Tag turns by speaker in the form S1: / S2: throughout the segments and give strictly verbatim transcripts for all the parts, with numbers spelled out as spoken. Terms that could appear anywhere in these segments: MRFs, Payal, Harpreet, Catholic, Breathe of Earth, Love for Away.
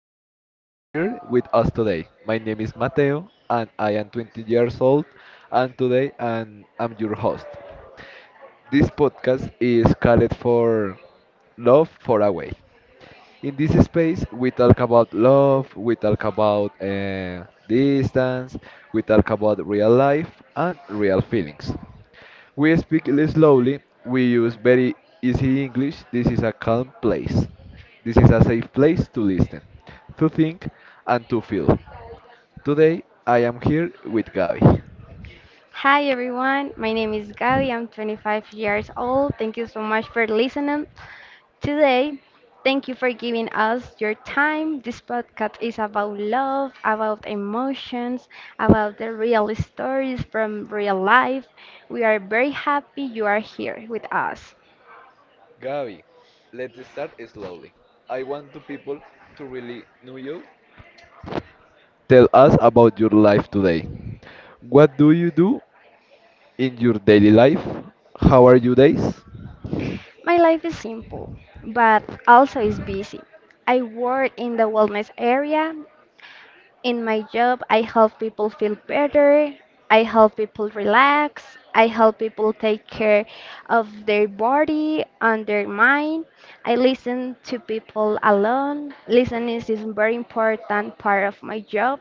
S1: Thank you for being here with us today. My name is Mateo and I am twenty years old, and today I'm, I'm your host. This podcast is called for Love for a Way. In this space, we talk about love, we talk about uh, distance, we talk about real life and real feelings. We speak li- slowly, we use very easy English. This is a calm place. This is a safe place to listen, to think, and to feel. Today, I am here with Gabi.
S2: Hi everyone, my name is Gabi. I'm twenty-five years old. Thank you so much for listening today. Thank you for giving us your time. This podcast is about love, about emotions, about the real stories from real life. We are very happy you are here with us.
S1: Gabi, let's start slowly. I want the people to really know you. Tell us about your life today. What do you do in your daily life? How are your days?
S2: My life is simple, but also is busy. I work in the wellness area. In my job, I help people feel better. I help people relax. I help people take care of their body and their mind. I listen to people alone. Listening is a very important part of my job.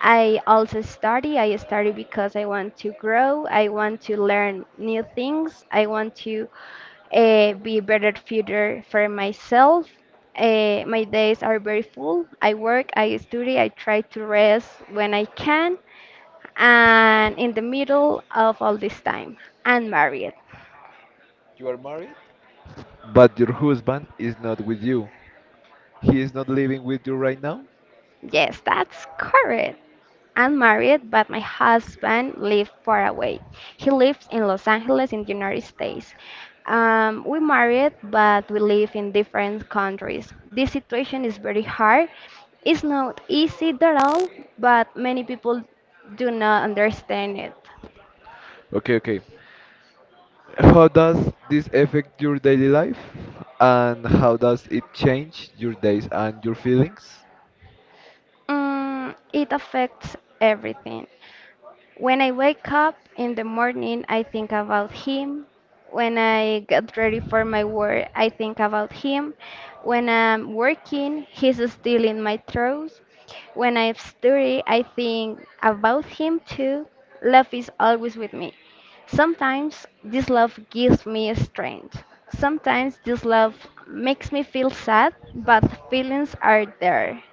S2: I also study. I study because I want to grow. I want to learn new things. I want to uh, be better future for myself. Uh, my days are very full. I work, I study, I try to rest when I can, and in the middle of all this time, I'm married.
S1: You are married? But your husband is not with you. He is not living with you right now?
S2: Yes, that's correct. I'm married, but my husband lives far away. He lives in Los Angeles, in the United States. Um, we married, but we live in different countries. This situation is very hard. It's not easy at all, but many people do not understand it.
S1: Okay, okay. How does this affect your daily life? And how does it change your days and your feelings?
S2: Mm, it affects everything. When I wake up in the morning, I think about him. When I get ready for my work, I think about him. When I'm working, he's still in my throat. When I study, I think about him too. Love is always with me. Sometimes this love gives me strength. Sometimes this love makes me feel sad, but feelings are there.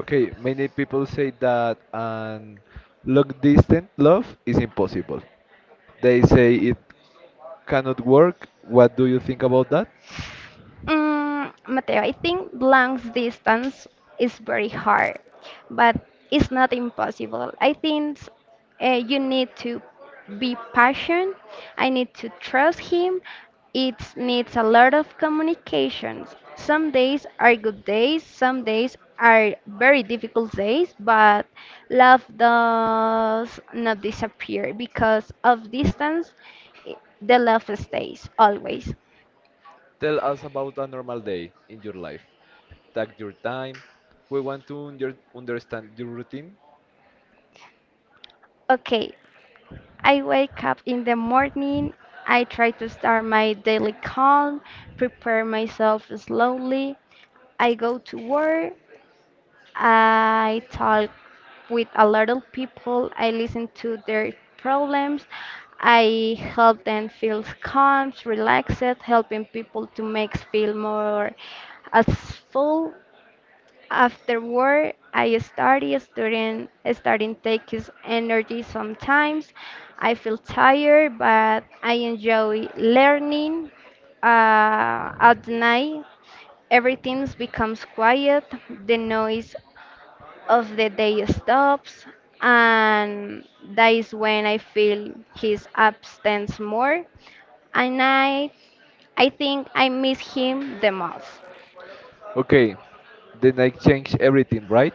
S1: Okay, many people say that an long distance love is impossible. They say it cannot work. What do you think about that?
S2: Mm, Mateo, I think Blank's distance is very hard, but it's not impossible. I think uh, you need to be patient. I need to trust him. It needs a lot of communications. Some days are good days, some days are very difficult days, but love does not disappear because of distance, i- the love stays always.
S1: Tell us about a normal day in your life. Take your time. We want to under- understand your routine.
S2: Okay, I wake up in the morning. I try to start my daily calm, prepare myself slowly. I go to work. I talk with a lot of people. I listen to their problems. I help them feel calm, relaxed, helping people to make feel more as full. Afterward, I started studying, starting takes energy sometimes. I feel tired, but I enjoy learning. Uh, at night, everything becomes quiet. The noise of the day stops, and that is when I feel his absence more. And I, I think I miss him the most.
S1: Okay, the night change everything, right?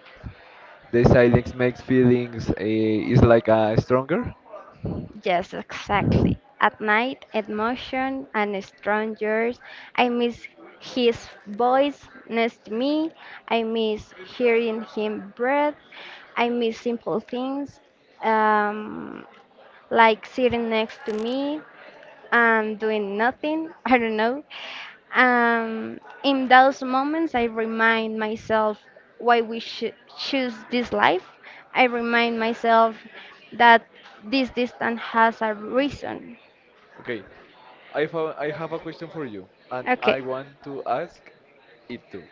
S1: The silence makes feelings uh, is like a stronger.
S2: Yes, exactly. At night, emotion and strangers. I miss his voice next to me. I miss hearing him breathe. I miss simple things um, like sitting next to me. I'm doing nothing. I don't know. Um, in those moments, I remind myself why we should choose this life. I remind myself that this distance has a reason.
S1: Okay, I found, I have a question for you, and I
S2: Okay.
S1: want to ask it too.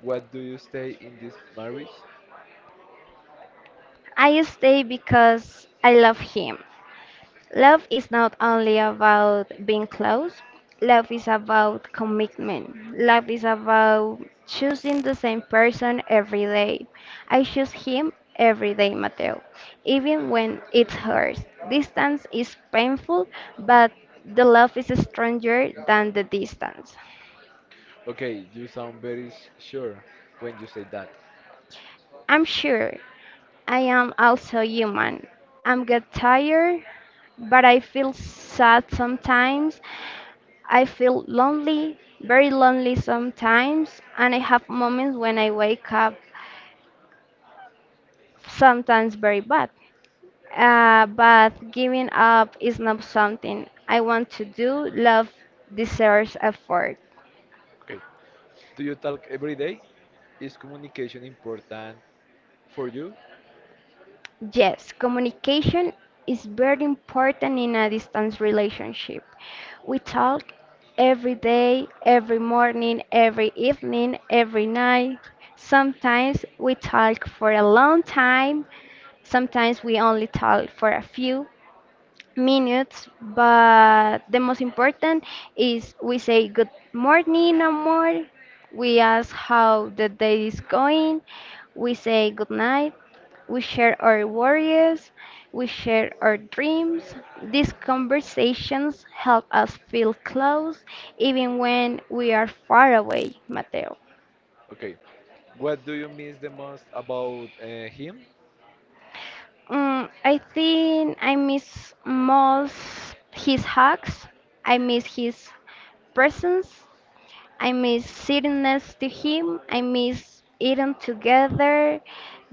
S1: What do you stay in this marriage?
S2: I stay because I love him. Love is not only about being close, love is about commitment. Love is about choosing the same person every day. I choose him every day, Mateo, even when it hurts. Distance is painful, but the love is stronger than the distance.
S1: Okay, you sound very s- sure when you say that.
S2: I'm sure I am also human. I'm get tired, but I feel sad sometimes. I feel lonely, very lonely sometimes, and I have moments when I wake up sometimes very bad. Uh, but giving up is not something I want to do. Love deserves effort.
S1: Okay. Do you talk every day? Is communication important for you?
S2: Yes, communication is very important in a distance relationship. We talk every day, every morning, every evening, every night. Sometimes we talk for a long time. Sometimes we only talk for a few minutes, but the most important is we say good morning or more. We ask how the day is going. We say good night. We share our worries. We share our dreams. These conversations help us feel close even when we are far away, Mateo.
S1: Okay. What do you miss the most about uh, him?
S2: Mm, I think I miss most his hugs. I miss his presence. I miss sitting next to him. I miss eating together,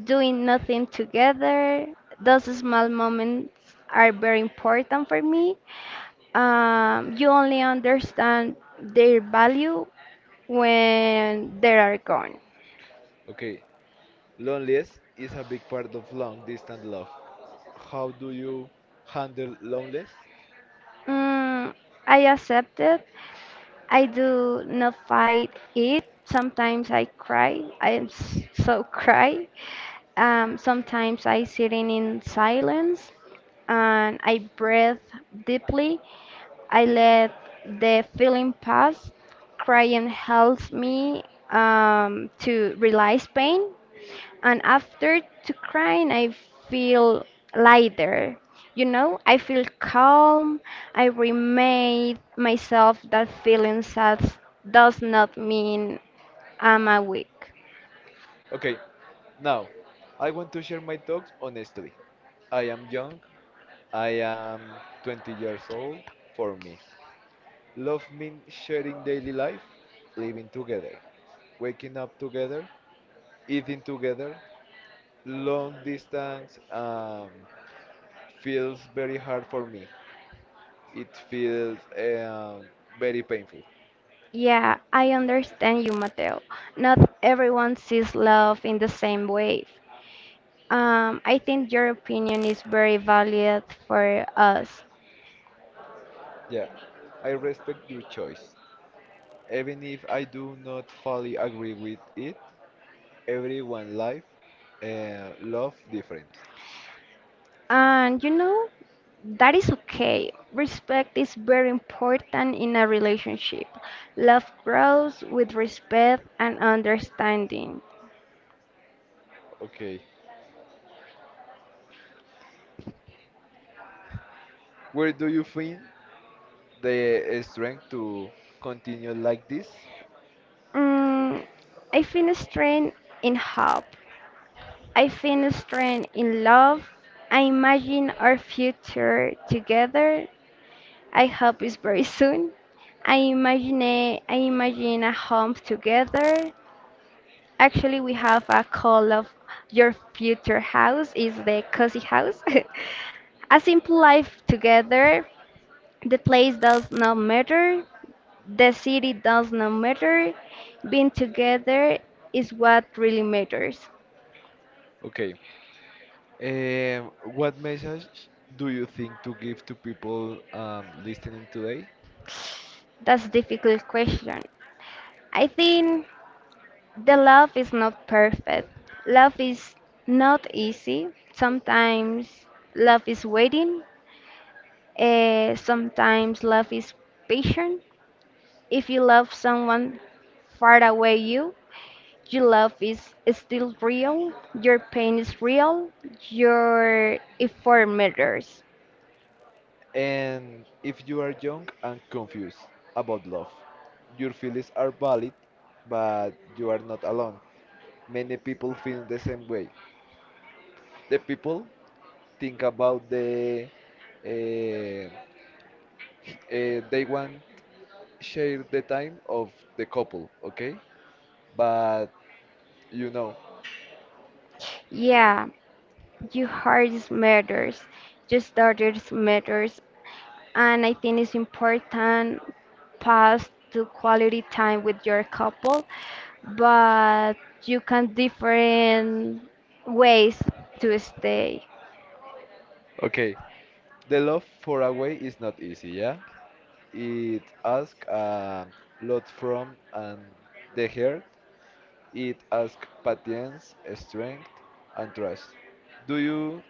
S2: doing nothing together. Those small moments are very important for me. Um, you only understand their value when they are gone.
S1: Okay. Loneliness is a big part of long distance love. How do you handle loneliness?
S2: Mm, I accept it. I do not fight it. Sometimes I cry. I am s- so cry. Um, sometimes I sit in, in silence and I breathe deeply. I let the feeling pass. Crying helps me um, to realize pain. And after to crying, I feel lighter. You know, I feel calm. I remind myself that feeling sad does not mean I'm a weak.
S1: Okay. Now, I want to share my thoughts honestly. I am young. I am twenty years old. For me, love means sharing daily life, living together, waking up together, eating together. Long distance um, feels very hard for me. It feels um, very painful.
S2: Yeah, I understand you, Mateo. Not everyone sees love in the same way. Um, I think your opinion is very valid for us.
S1: Yeah, I respect your choice. Even if I do not fully agree with it, everyone life uh, love differently.
S2: And you know, that is okay. Respect is very important in a relationship. Love grows with respect and understanding.
S1: Okay, where do you find the strength to continue like this?
S2: Mm, I feel strength in hope. I feel strength in love. I imagine our future together. I hope it's very soon. I imagine a, I imagine a home together. Actually, we have a call of your future house is the cozy house. A simple life together. The place does not matter. The city does not matter. Being together is what really matters.
S1: Okay. Um, what message do you think to give to people um, listening today?
S2: That's difficult question. I think the love is not perfect. Love is not easy. Sometimes love is waiting. Eh, sometimes love is patient. If you love someone far away you, your love is still real. Your pain is real. Your effort matters.
S1: And if you are young and confused about love, your feelings are valid, but you are not alone. Many people feel the same way. The people think about the uh, uh, they want share the time of the couple, okay? But you know,
S2: Yeah, your heart is matters. Your starters matters. And I think it's important pass to quality time with your couple, but you can different ways to stay.
S1: okay, the love for a way is not easy, yeah. It asks a lot from and the heart. It asks patience, strength, and trust. Do you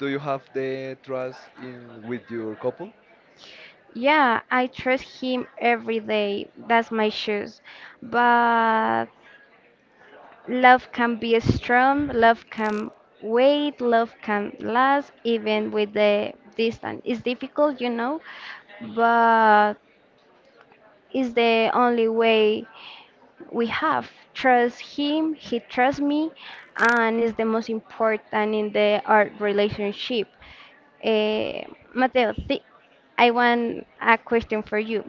S1: do you have the trust in with your couple?
S2: Yeah, I trust him every day. That's my shoes. But love can be strong, love can wait, love can last even with the distance. It's difficult, you know, but it's the only way we have trust him he trusts me and is the most important in the art relationship. uh, Mateo, th- I want a question for you.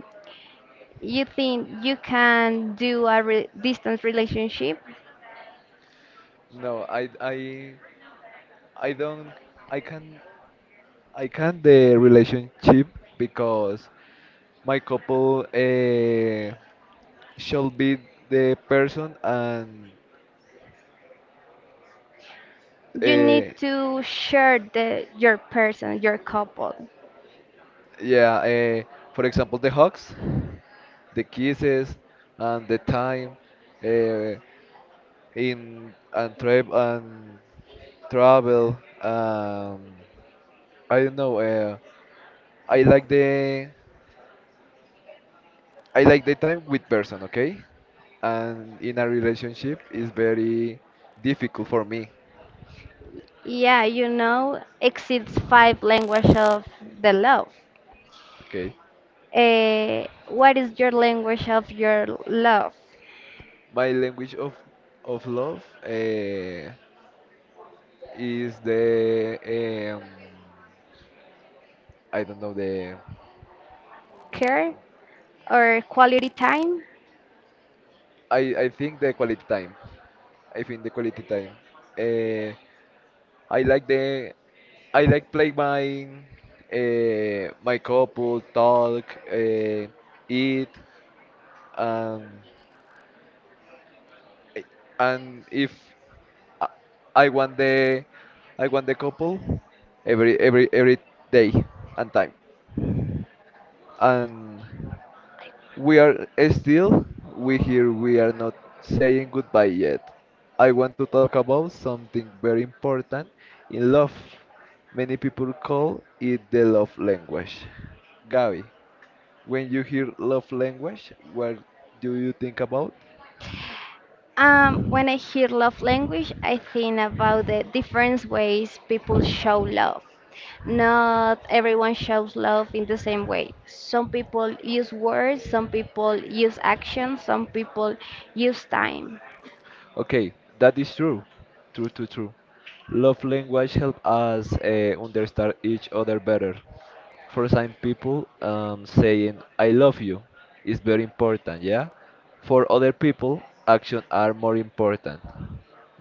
S2: You think you can do a re- distance relationship?
S1: No, I I I don't, I can I can't the relationship because my couple uh, shall be the person, and
S2: You
S1: uh,
S2: need to share the your person your couple.
S1: yeah, uh, for example, the hugs, the kisses, and the time uh, in and trip and travel. Um, I don't know. Uh, I like the I like the time with person, okay? And in a relationship is very difficult for me,
S2: Yeah, you know exceeds five language of the love.
S1: okay?
S2: Uh, what is your language of your love?
S1: My language of of love uh, is the, um, I don't know the,
S2: Care or quality time?
S1: I I think the quality time. I think the quality time. Uh, I like the, I like play my uh, my couple talk, uh, eat, um, I- and if I, I want the, I want the couple every every every day and time, and we are still, we here, we are not saying goodbye yet. I want to talk about something very important in love. Many people call it the love language. Gabi, when you hear love language, what do you think about?
S2: Um, when I hear love language, I think about the different ways people show love. Not everyone shows love in the same way. Some people use words, some people use actions, some people use time.
S1: Okay, that is true. True, true, true. Love language help us uh, understand each other better. For some people, um, saying "I love you" is very important. Yeah, for other people, actions are more important.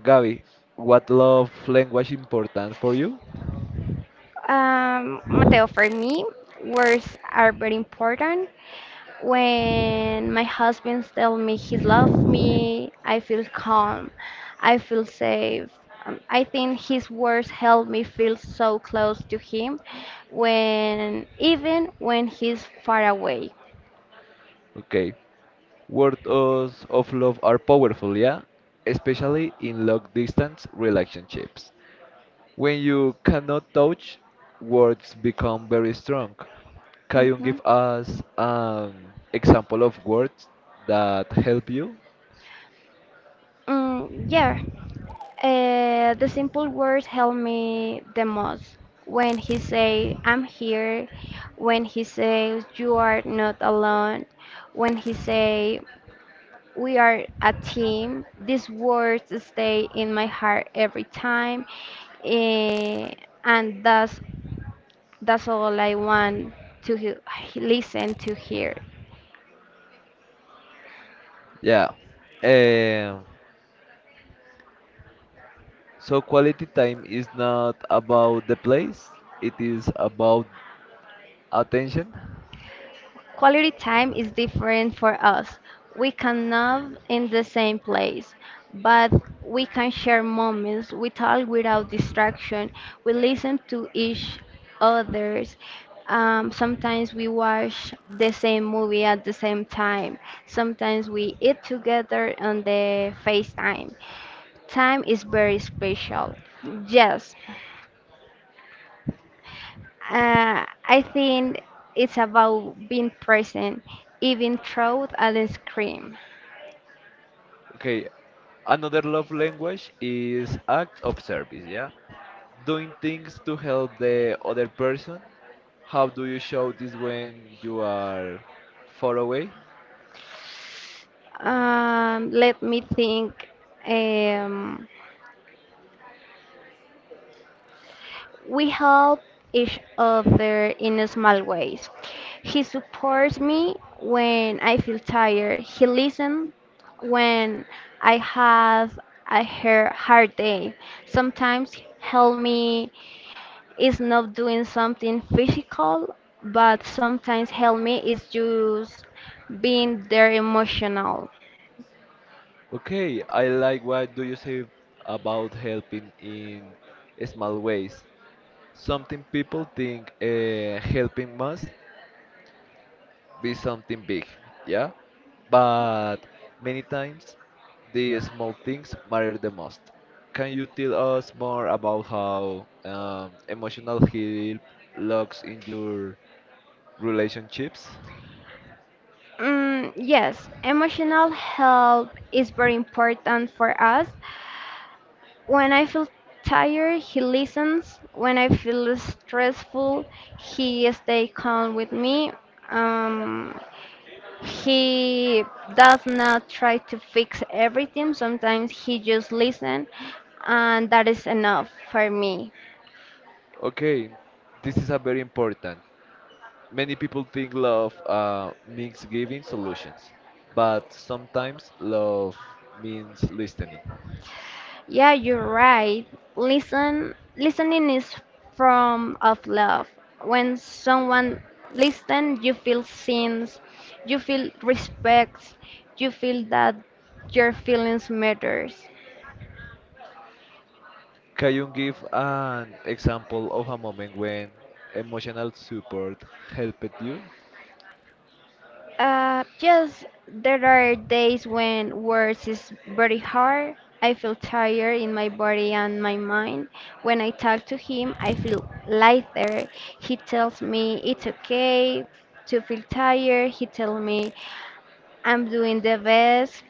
S1: Gaby, what love language important for you?
S2: Um, Mateo, for me, words are very important. When my husband tells me he loves me, I feel calm. I feel safe. Um, I think his words help me feel so close to him when even when he's far away.
S1: Okay, words of love are powerful. Yeah, especially in long distance relationships. When you cannot touch, words become very strong. Can you give
S2: Mhm.
S1: us an example of words that help you?
S2: Mm, yeah. Uh, the simple words help me the most. When he say I'm here, when he says you are not alone, when he say we are a team. These words stay in my heart every time, eh, and that's that's all I want to he- listen to hear.
S1: Yeah. Um, so quality time is not about the place, it is about attention.
S2: Quality time is different for us. We cannot in the same place, but we can share moments. We talk without distraction. We listen to each others. Um, sometimes we watch the same movie at the same time. Sometimes we eat together on the FaceTime. Time is very special. Yes, uh, I think it's about being present, even through a scream.
S1: Okay. Another love language is act of service, yeah? Doing things to help the other person. How do you show this when you are far away?
S2: Um, let me think. Um, we help each other in small ways. He supports me when I feel tired. He listens when I have a hair- hard day. Sometimes help me it's not doing something physical, but sometimes help me is just being there emotional.
S1: Okay, I like what do you say about helping in small ways. Something people think uh, helping must be something big, yeah? But many times the small things matter the most. Can you tell us more about how, um, emotional help looks in your relationships?
S2: Mm, yes, emotional help is very important for us. When I feel tired, he listens. When I feel stressful, he stay calm with me. Um, he does not try to fix everything. Sometimes he just listen, and that is enough for me.
S1: Okay, this is a very important. Many people think love uh, means giving solutions, but sometimes love means listening.
S2: Yeah, you're right. Listen, listening is from of love. When someone listens, you feel seen, you feel respect, you feel that your feelings matters.
S1: Can you give an example of a moment when emotional support helped you?
S2: Uh, just there are days when words is very hard. I feel tired in my body and my mind. When I talk to him, I feel lighter. He tells me it's okay to feel tired. He tells me I'm doing the best.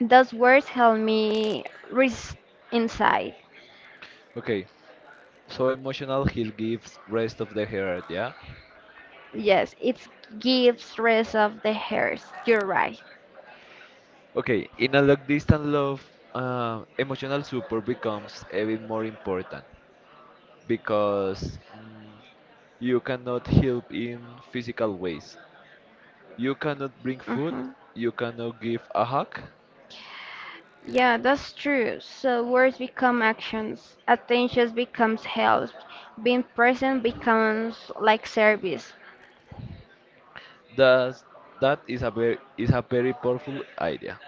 S2: Those words help me rest inside.
S1: Okay, so emotional heal gives rest of the heart, yeah?
S2: Yes, it gives rest of the hairs. You're right.
S1: Okay, in a long distance love, uh, emotional support becomes even more important because, mm, you cannot help in physical ways. You cannot bring food.
S2: Mhm.
S1: You cannot give a hug.
S2: Yeah, that's true. So words become actions. Attention becomes help. Being present becomes like service.
S1: That's, that is a very is a very powerful idea.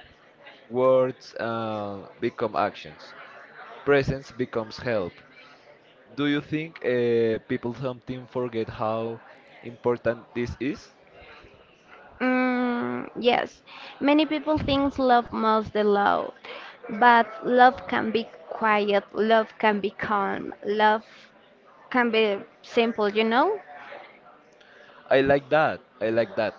S1: Words uh, become actions. Presence becomes help. Do you think uh, people sometimes forget how important this is?
S2: Mm, yes, many people think love must be loud, but love can be quiet, love can be calm, love can be simple, you know?
S1: I like that. I like that.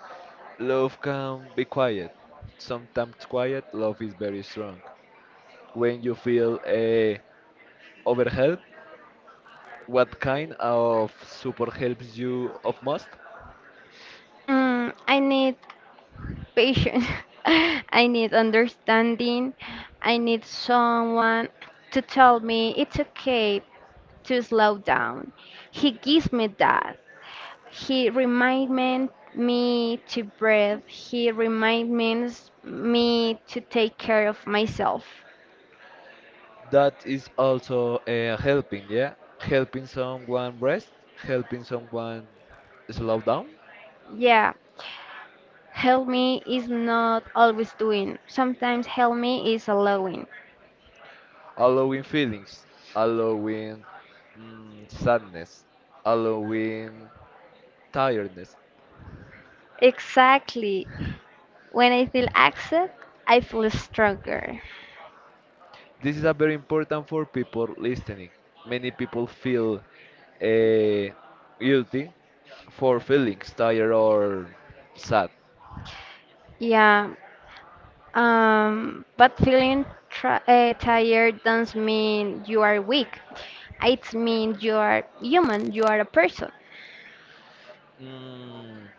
S1: Love can be quiet. Sometimes quiet love is very strong. When you feel uh, overwhelmed, what kind of support helps you of most?
S2: Mm, I need patience, I need understanding, I need someone to tell me it's okay to slow down. He gives me that. He reminded me to breathe. He reminds me to take care of myself.
S1: That is also uh, helping, yeah? Helping someone rest, helping someone slow down,
S2: Yeah, help me is not always doing. Sometimes help me is allowing.
S1: allowing feelings, allowing, mm, sadness, allowing tiredness.
S2: Exactly. When I feel upset, I feel stronger.
S1: This is a very important for people listening. Many people feel uh, guilty for feelings tired or sad.
S2: Yeah. Um, but feeling tra- uh, tired doesn't mean you are weak. It means you are human. You are a person.
S1: Mm,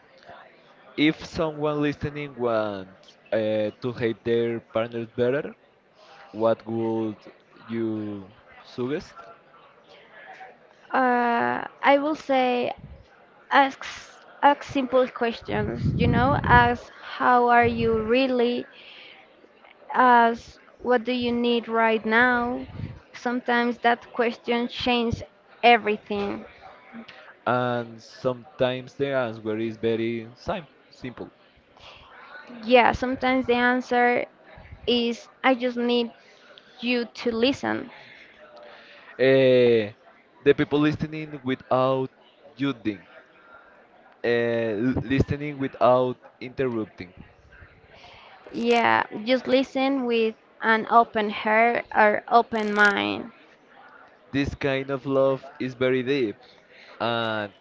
S1: If someone listening wants uh, to hate their partners better, what would you suggest?
S2: Uh, I will say ask ask simple questions, you know, ask how are you really, ask what do you need right now. Sometimes that question changes everything.
S1: And sometimes the answer is very sim- simple.
S2: Yeah, sometimes the answer is I just need you to listen.
S1: Uh, the people listening without judging, uh, l- listening without interrupting.
S2: Yeah, just listen with an open heart or open mind.
S1: This kind of love is very deep, and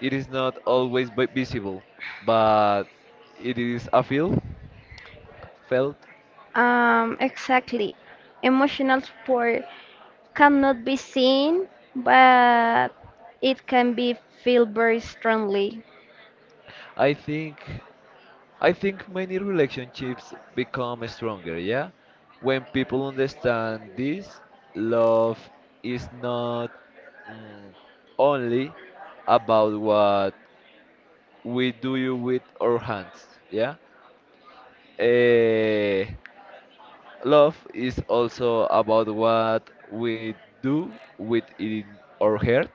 S1: it is not always vi- visible, but it is a feel felt.
S2: Um, exactly. Emotional support cannot be seen, but it can be felt very strongly.
S1: I think I think many relationships become stronger, yeah? When people understand this, love is not, mm, only about what we do with our hands, yeah? Eh, love is also about what we do with our heart.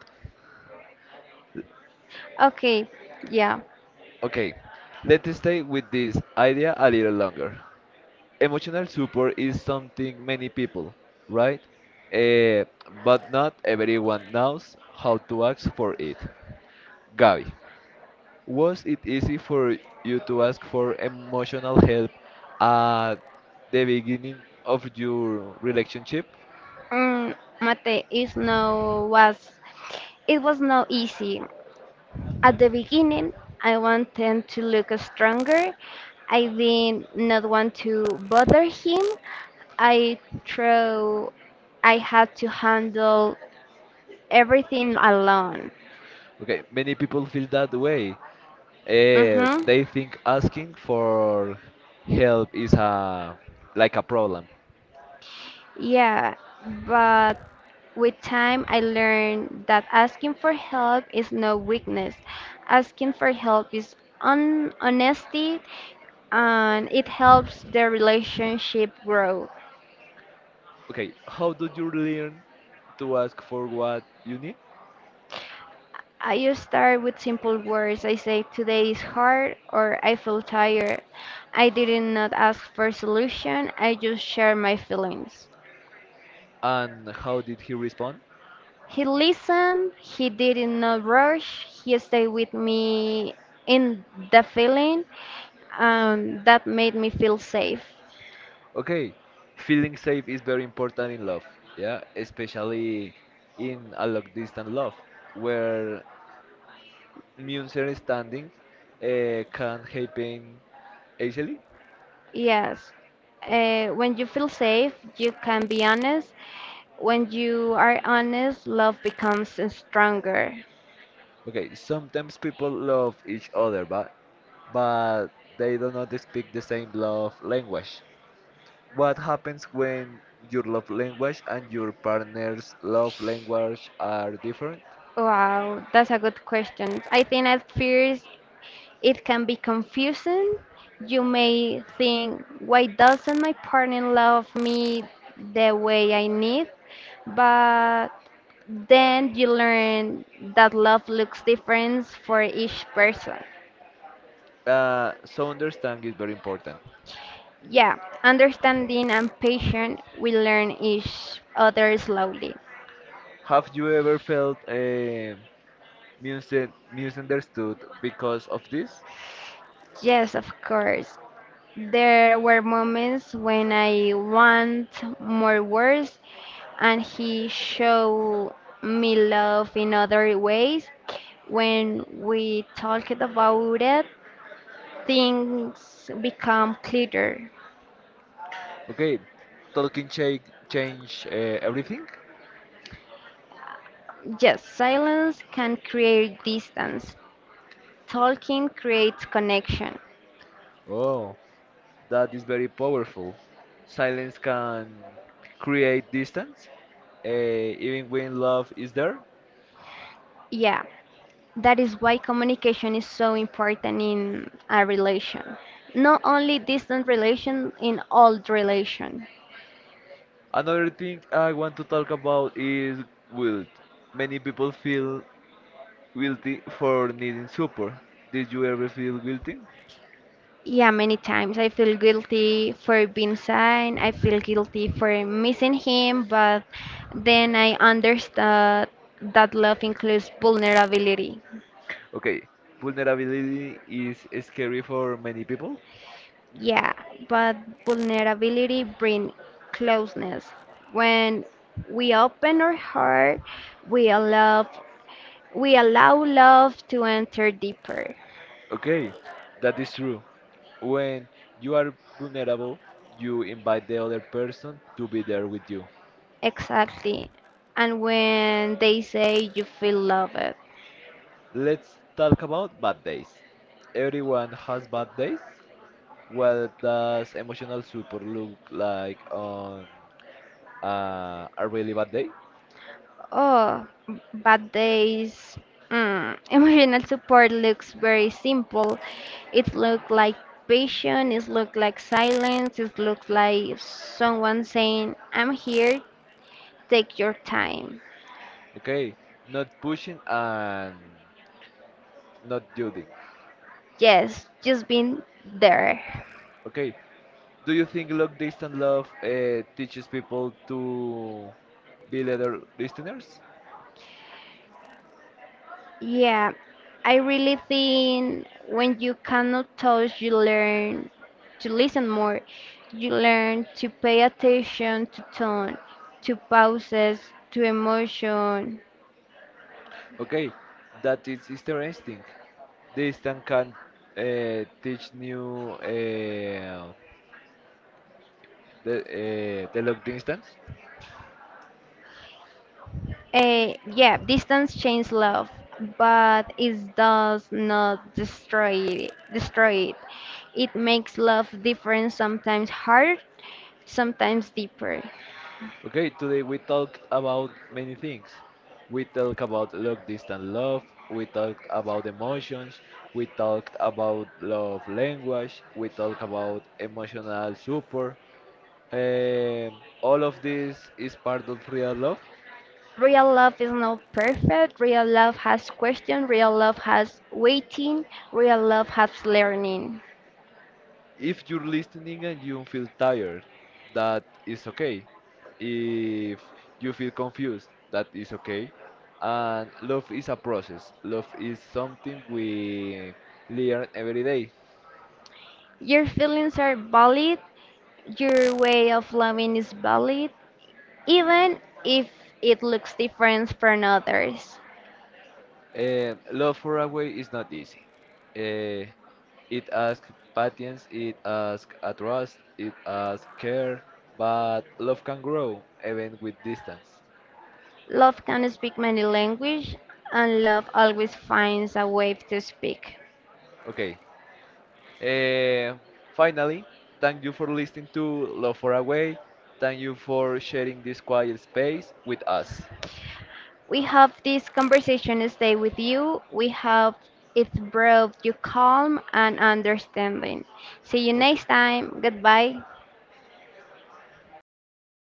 S2: Okay, yeah.
S1: Okay, let's stay with this idea a little longer. Emotional support is something many people, right? Eh, but not everyone knows how to ask for it. Gabi, was it easy for you to ask for emotional help at the beginning of your relationship?
S2: Mm, mate is no was it was not easy. At the beginning, I wanted to look stronger. I did not want to bother him. I throw I had to handle everything alone.
S1: Okay, many people feel that way. Eh,
S2: Mhm.
S1: they think asking for help is a like a problem.
S2: Yeah, but with time I learned that asking for help is no weakness. Asking for help is on honesty and it helps the relationship grow.
S1: Okay, how did you learn to ask for what you need?
S2: I just start with simple words. I say today is hard or I feel tired. I did not ask for solution. I just share my feelings.
S1: And how did he respond?
S2: He listened, he did not rush, he stayed with me in the feeling, and that made me feel safe.
S1: Okay, feeling safe is very important in love, yeah, especially in a long distance love, where misunderstanding uh, can happen easily.
S2: Yes, uh, when you feel safe, you can be honest. When you are honest, love becomes stronger.
S1: Okay, sometimes people love each other, but but they do not speak the same love language. What happens when your love language and your partner's love language are different?
S2: Wow, that's a good question. I think at first it can be confusing. You may think, why doesn't my partner love me the way I need? But then you learn that love looks different for each person.
S1: Uh, so understanding is very important.
S2: Yeah, understanding and patience, we learn each other slowly.
S1: Have you ever felt uh, misun- misunderstood because of this?
S2: Yes, of course. There were moments when I want more words, and he showed me love in other ways. When we talked about it, things become clearer.
S1: Okay, talking change change uh, everything.
S2: Yes, silence can create distance. Talking creates connection.
S1: Oh, that is very powerful. Silence can create distance, uh, even when love is there.
S2: Yeah, that is why communication is so important in a relation. Not only distant relation, in all relation.
S1: Another thing I want to talk about is guilt. Many people feel guilty for needing support. Did you ever feel guilty?
S2: Yeah, many times I feel guilty for being sad. I feel guilty for missing him, but then I understood that love includes vulnerability.
S1: Okay, vulnerability is scary for many people.
S2: Yeah, but vulnerability brings closeness. When we open our heart, we allow we allow love to enter deeper.
S1: Okay, that is true. When you are vulnerable, you invite the other person to be there with you.
S2: Exactly. And when they say you feel loved.
S1: Let's talk about bad days. Everyone has bad days. What does emotional support look like on uh, a really bad day?
S2: Oh, bad days. Mm, emotional support looks very simple. It looks like patience, it looks like silence, it looks like someone saying, I'm here, take your time.
S1: Okay, not pushing and not doing.
S2: Yes, just being there.
S1: Okay, do you think long distance love uh, teaches people to be better listeners?
S2: Yeah, I really think when you cannot touch, you learn to listen more. You learn to pay attention to tone, to pauses, to emotion.
S1: Okay, that is interesting. Distance can uh, teach new uh, the uh, the long distance.
S2: Eh, yeah, distance changes love, but it does not destroy it. Destroy it. It makes love different, sometimes hard, sometimes deeper.
S1: Okay, today we talked about many things. We talked about long distance love, we talked about emotions, we talked about love language, we talked about emotional support. Um, all of this is part of real love.
S2: Real love is not perfect. Real love has question. Real love has waiting. Real love has learning.
S1: If you're listening and you feel tired, that is okay. If you feel confused, that is okay. And love is a process. Love is something we learn every day.
S2: Your feelings are valid. Your way of loving is valid, even if it looks different from others.
S1: Eh, love for a way is not easy. Eh, it asks patience, it asks a trust, it asks care, but love can grow even with distance.
S2: Love can speak many languages, and love always finds a way to speak.
S1: Okay. Uh, Finally, thank you for listening to Love for Away. Thank you for sharing this quiet space with us.
S2: We hope this conversation stay with you. We hope it brought you calm and understanding. See you
S1: Okay.
S2: next time. Goodbye.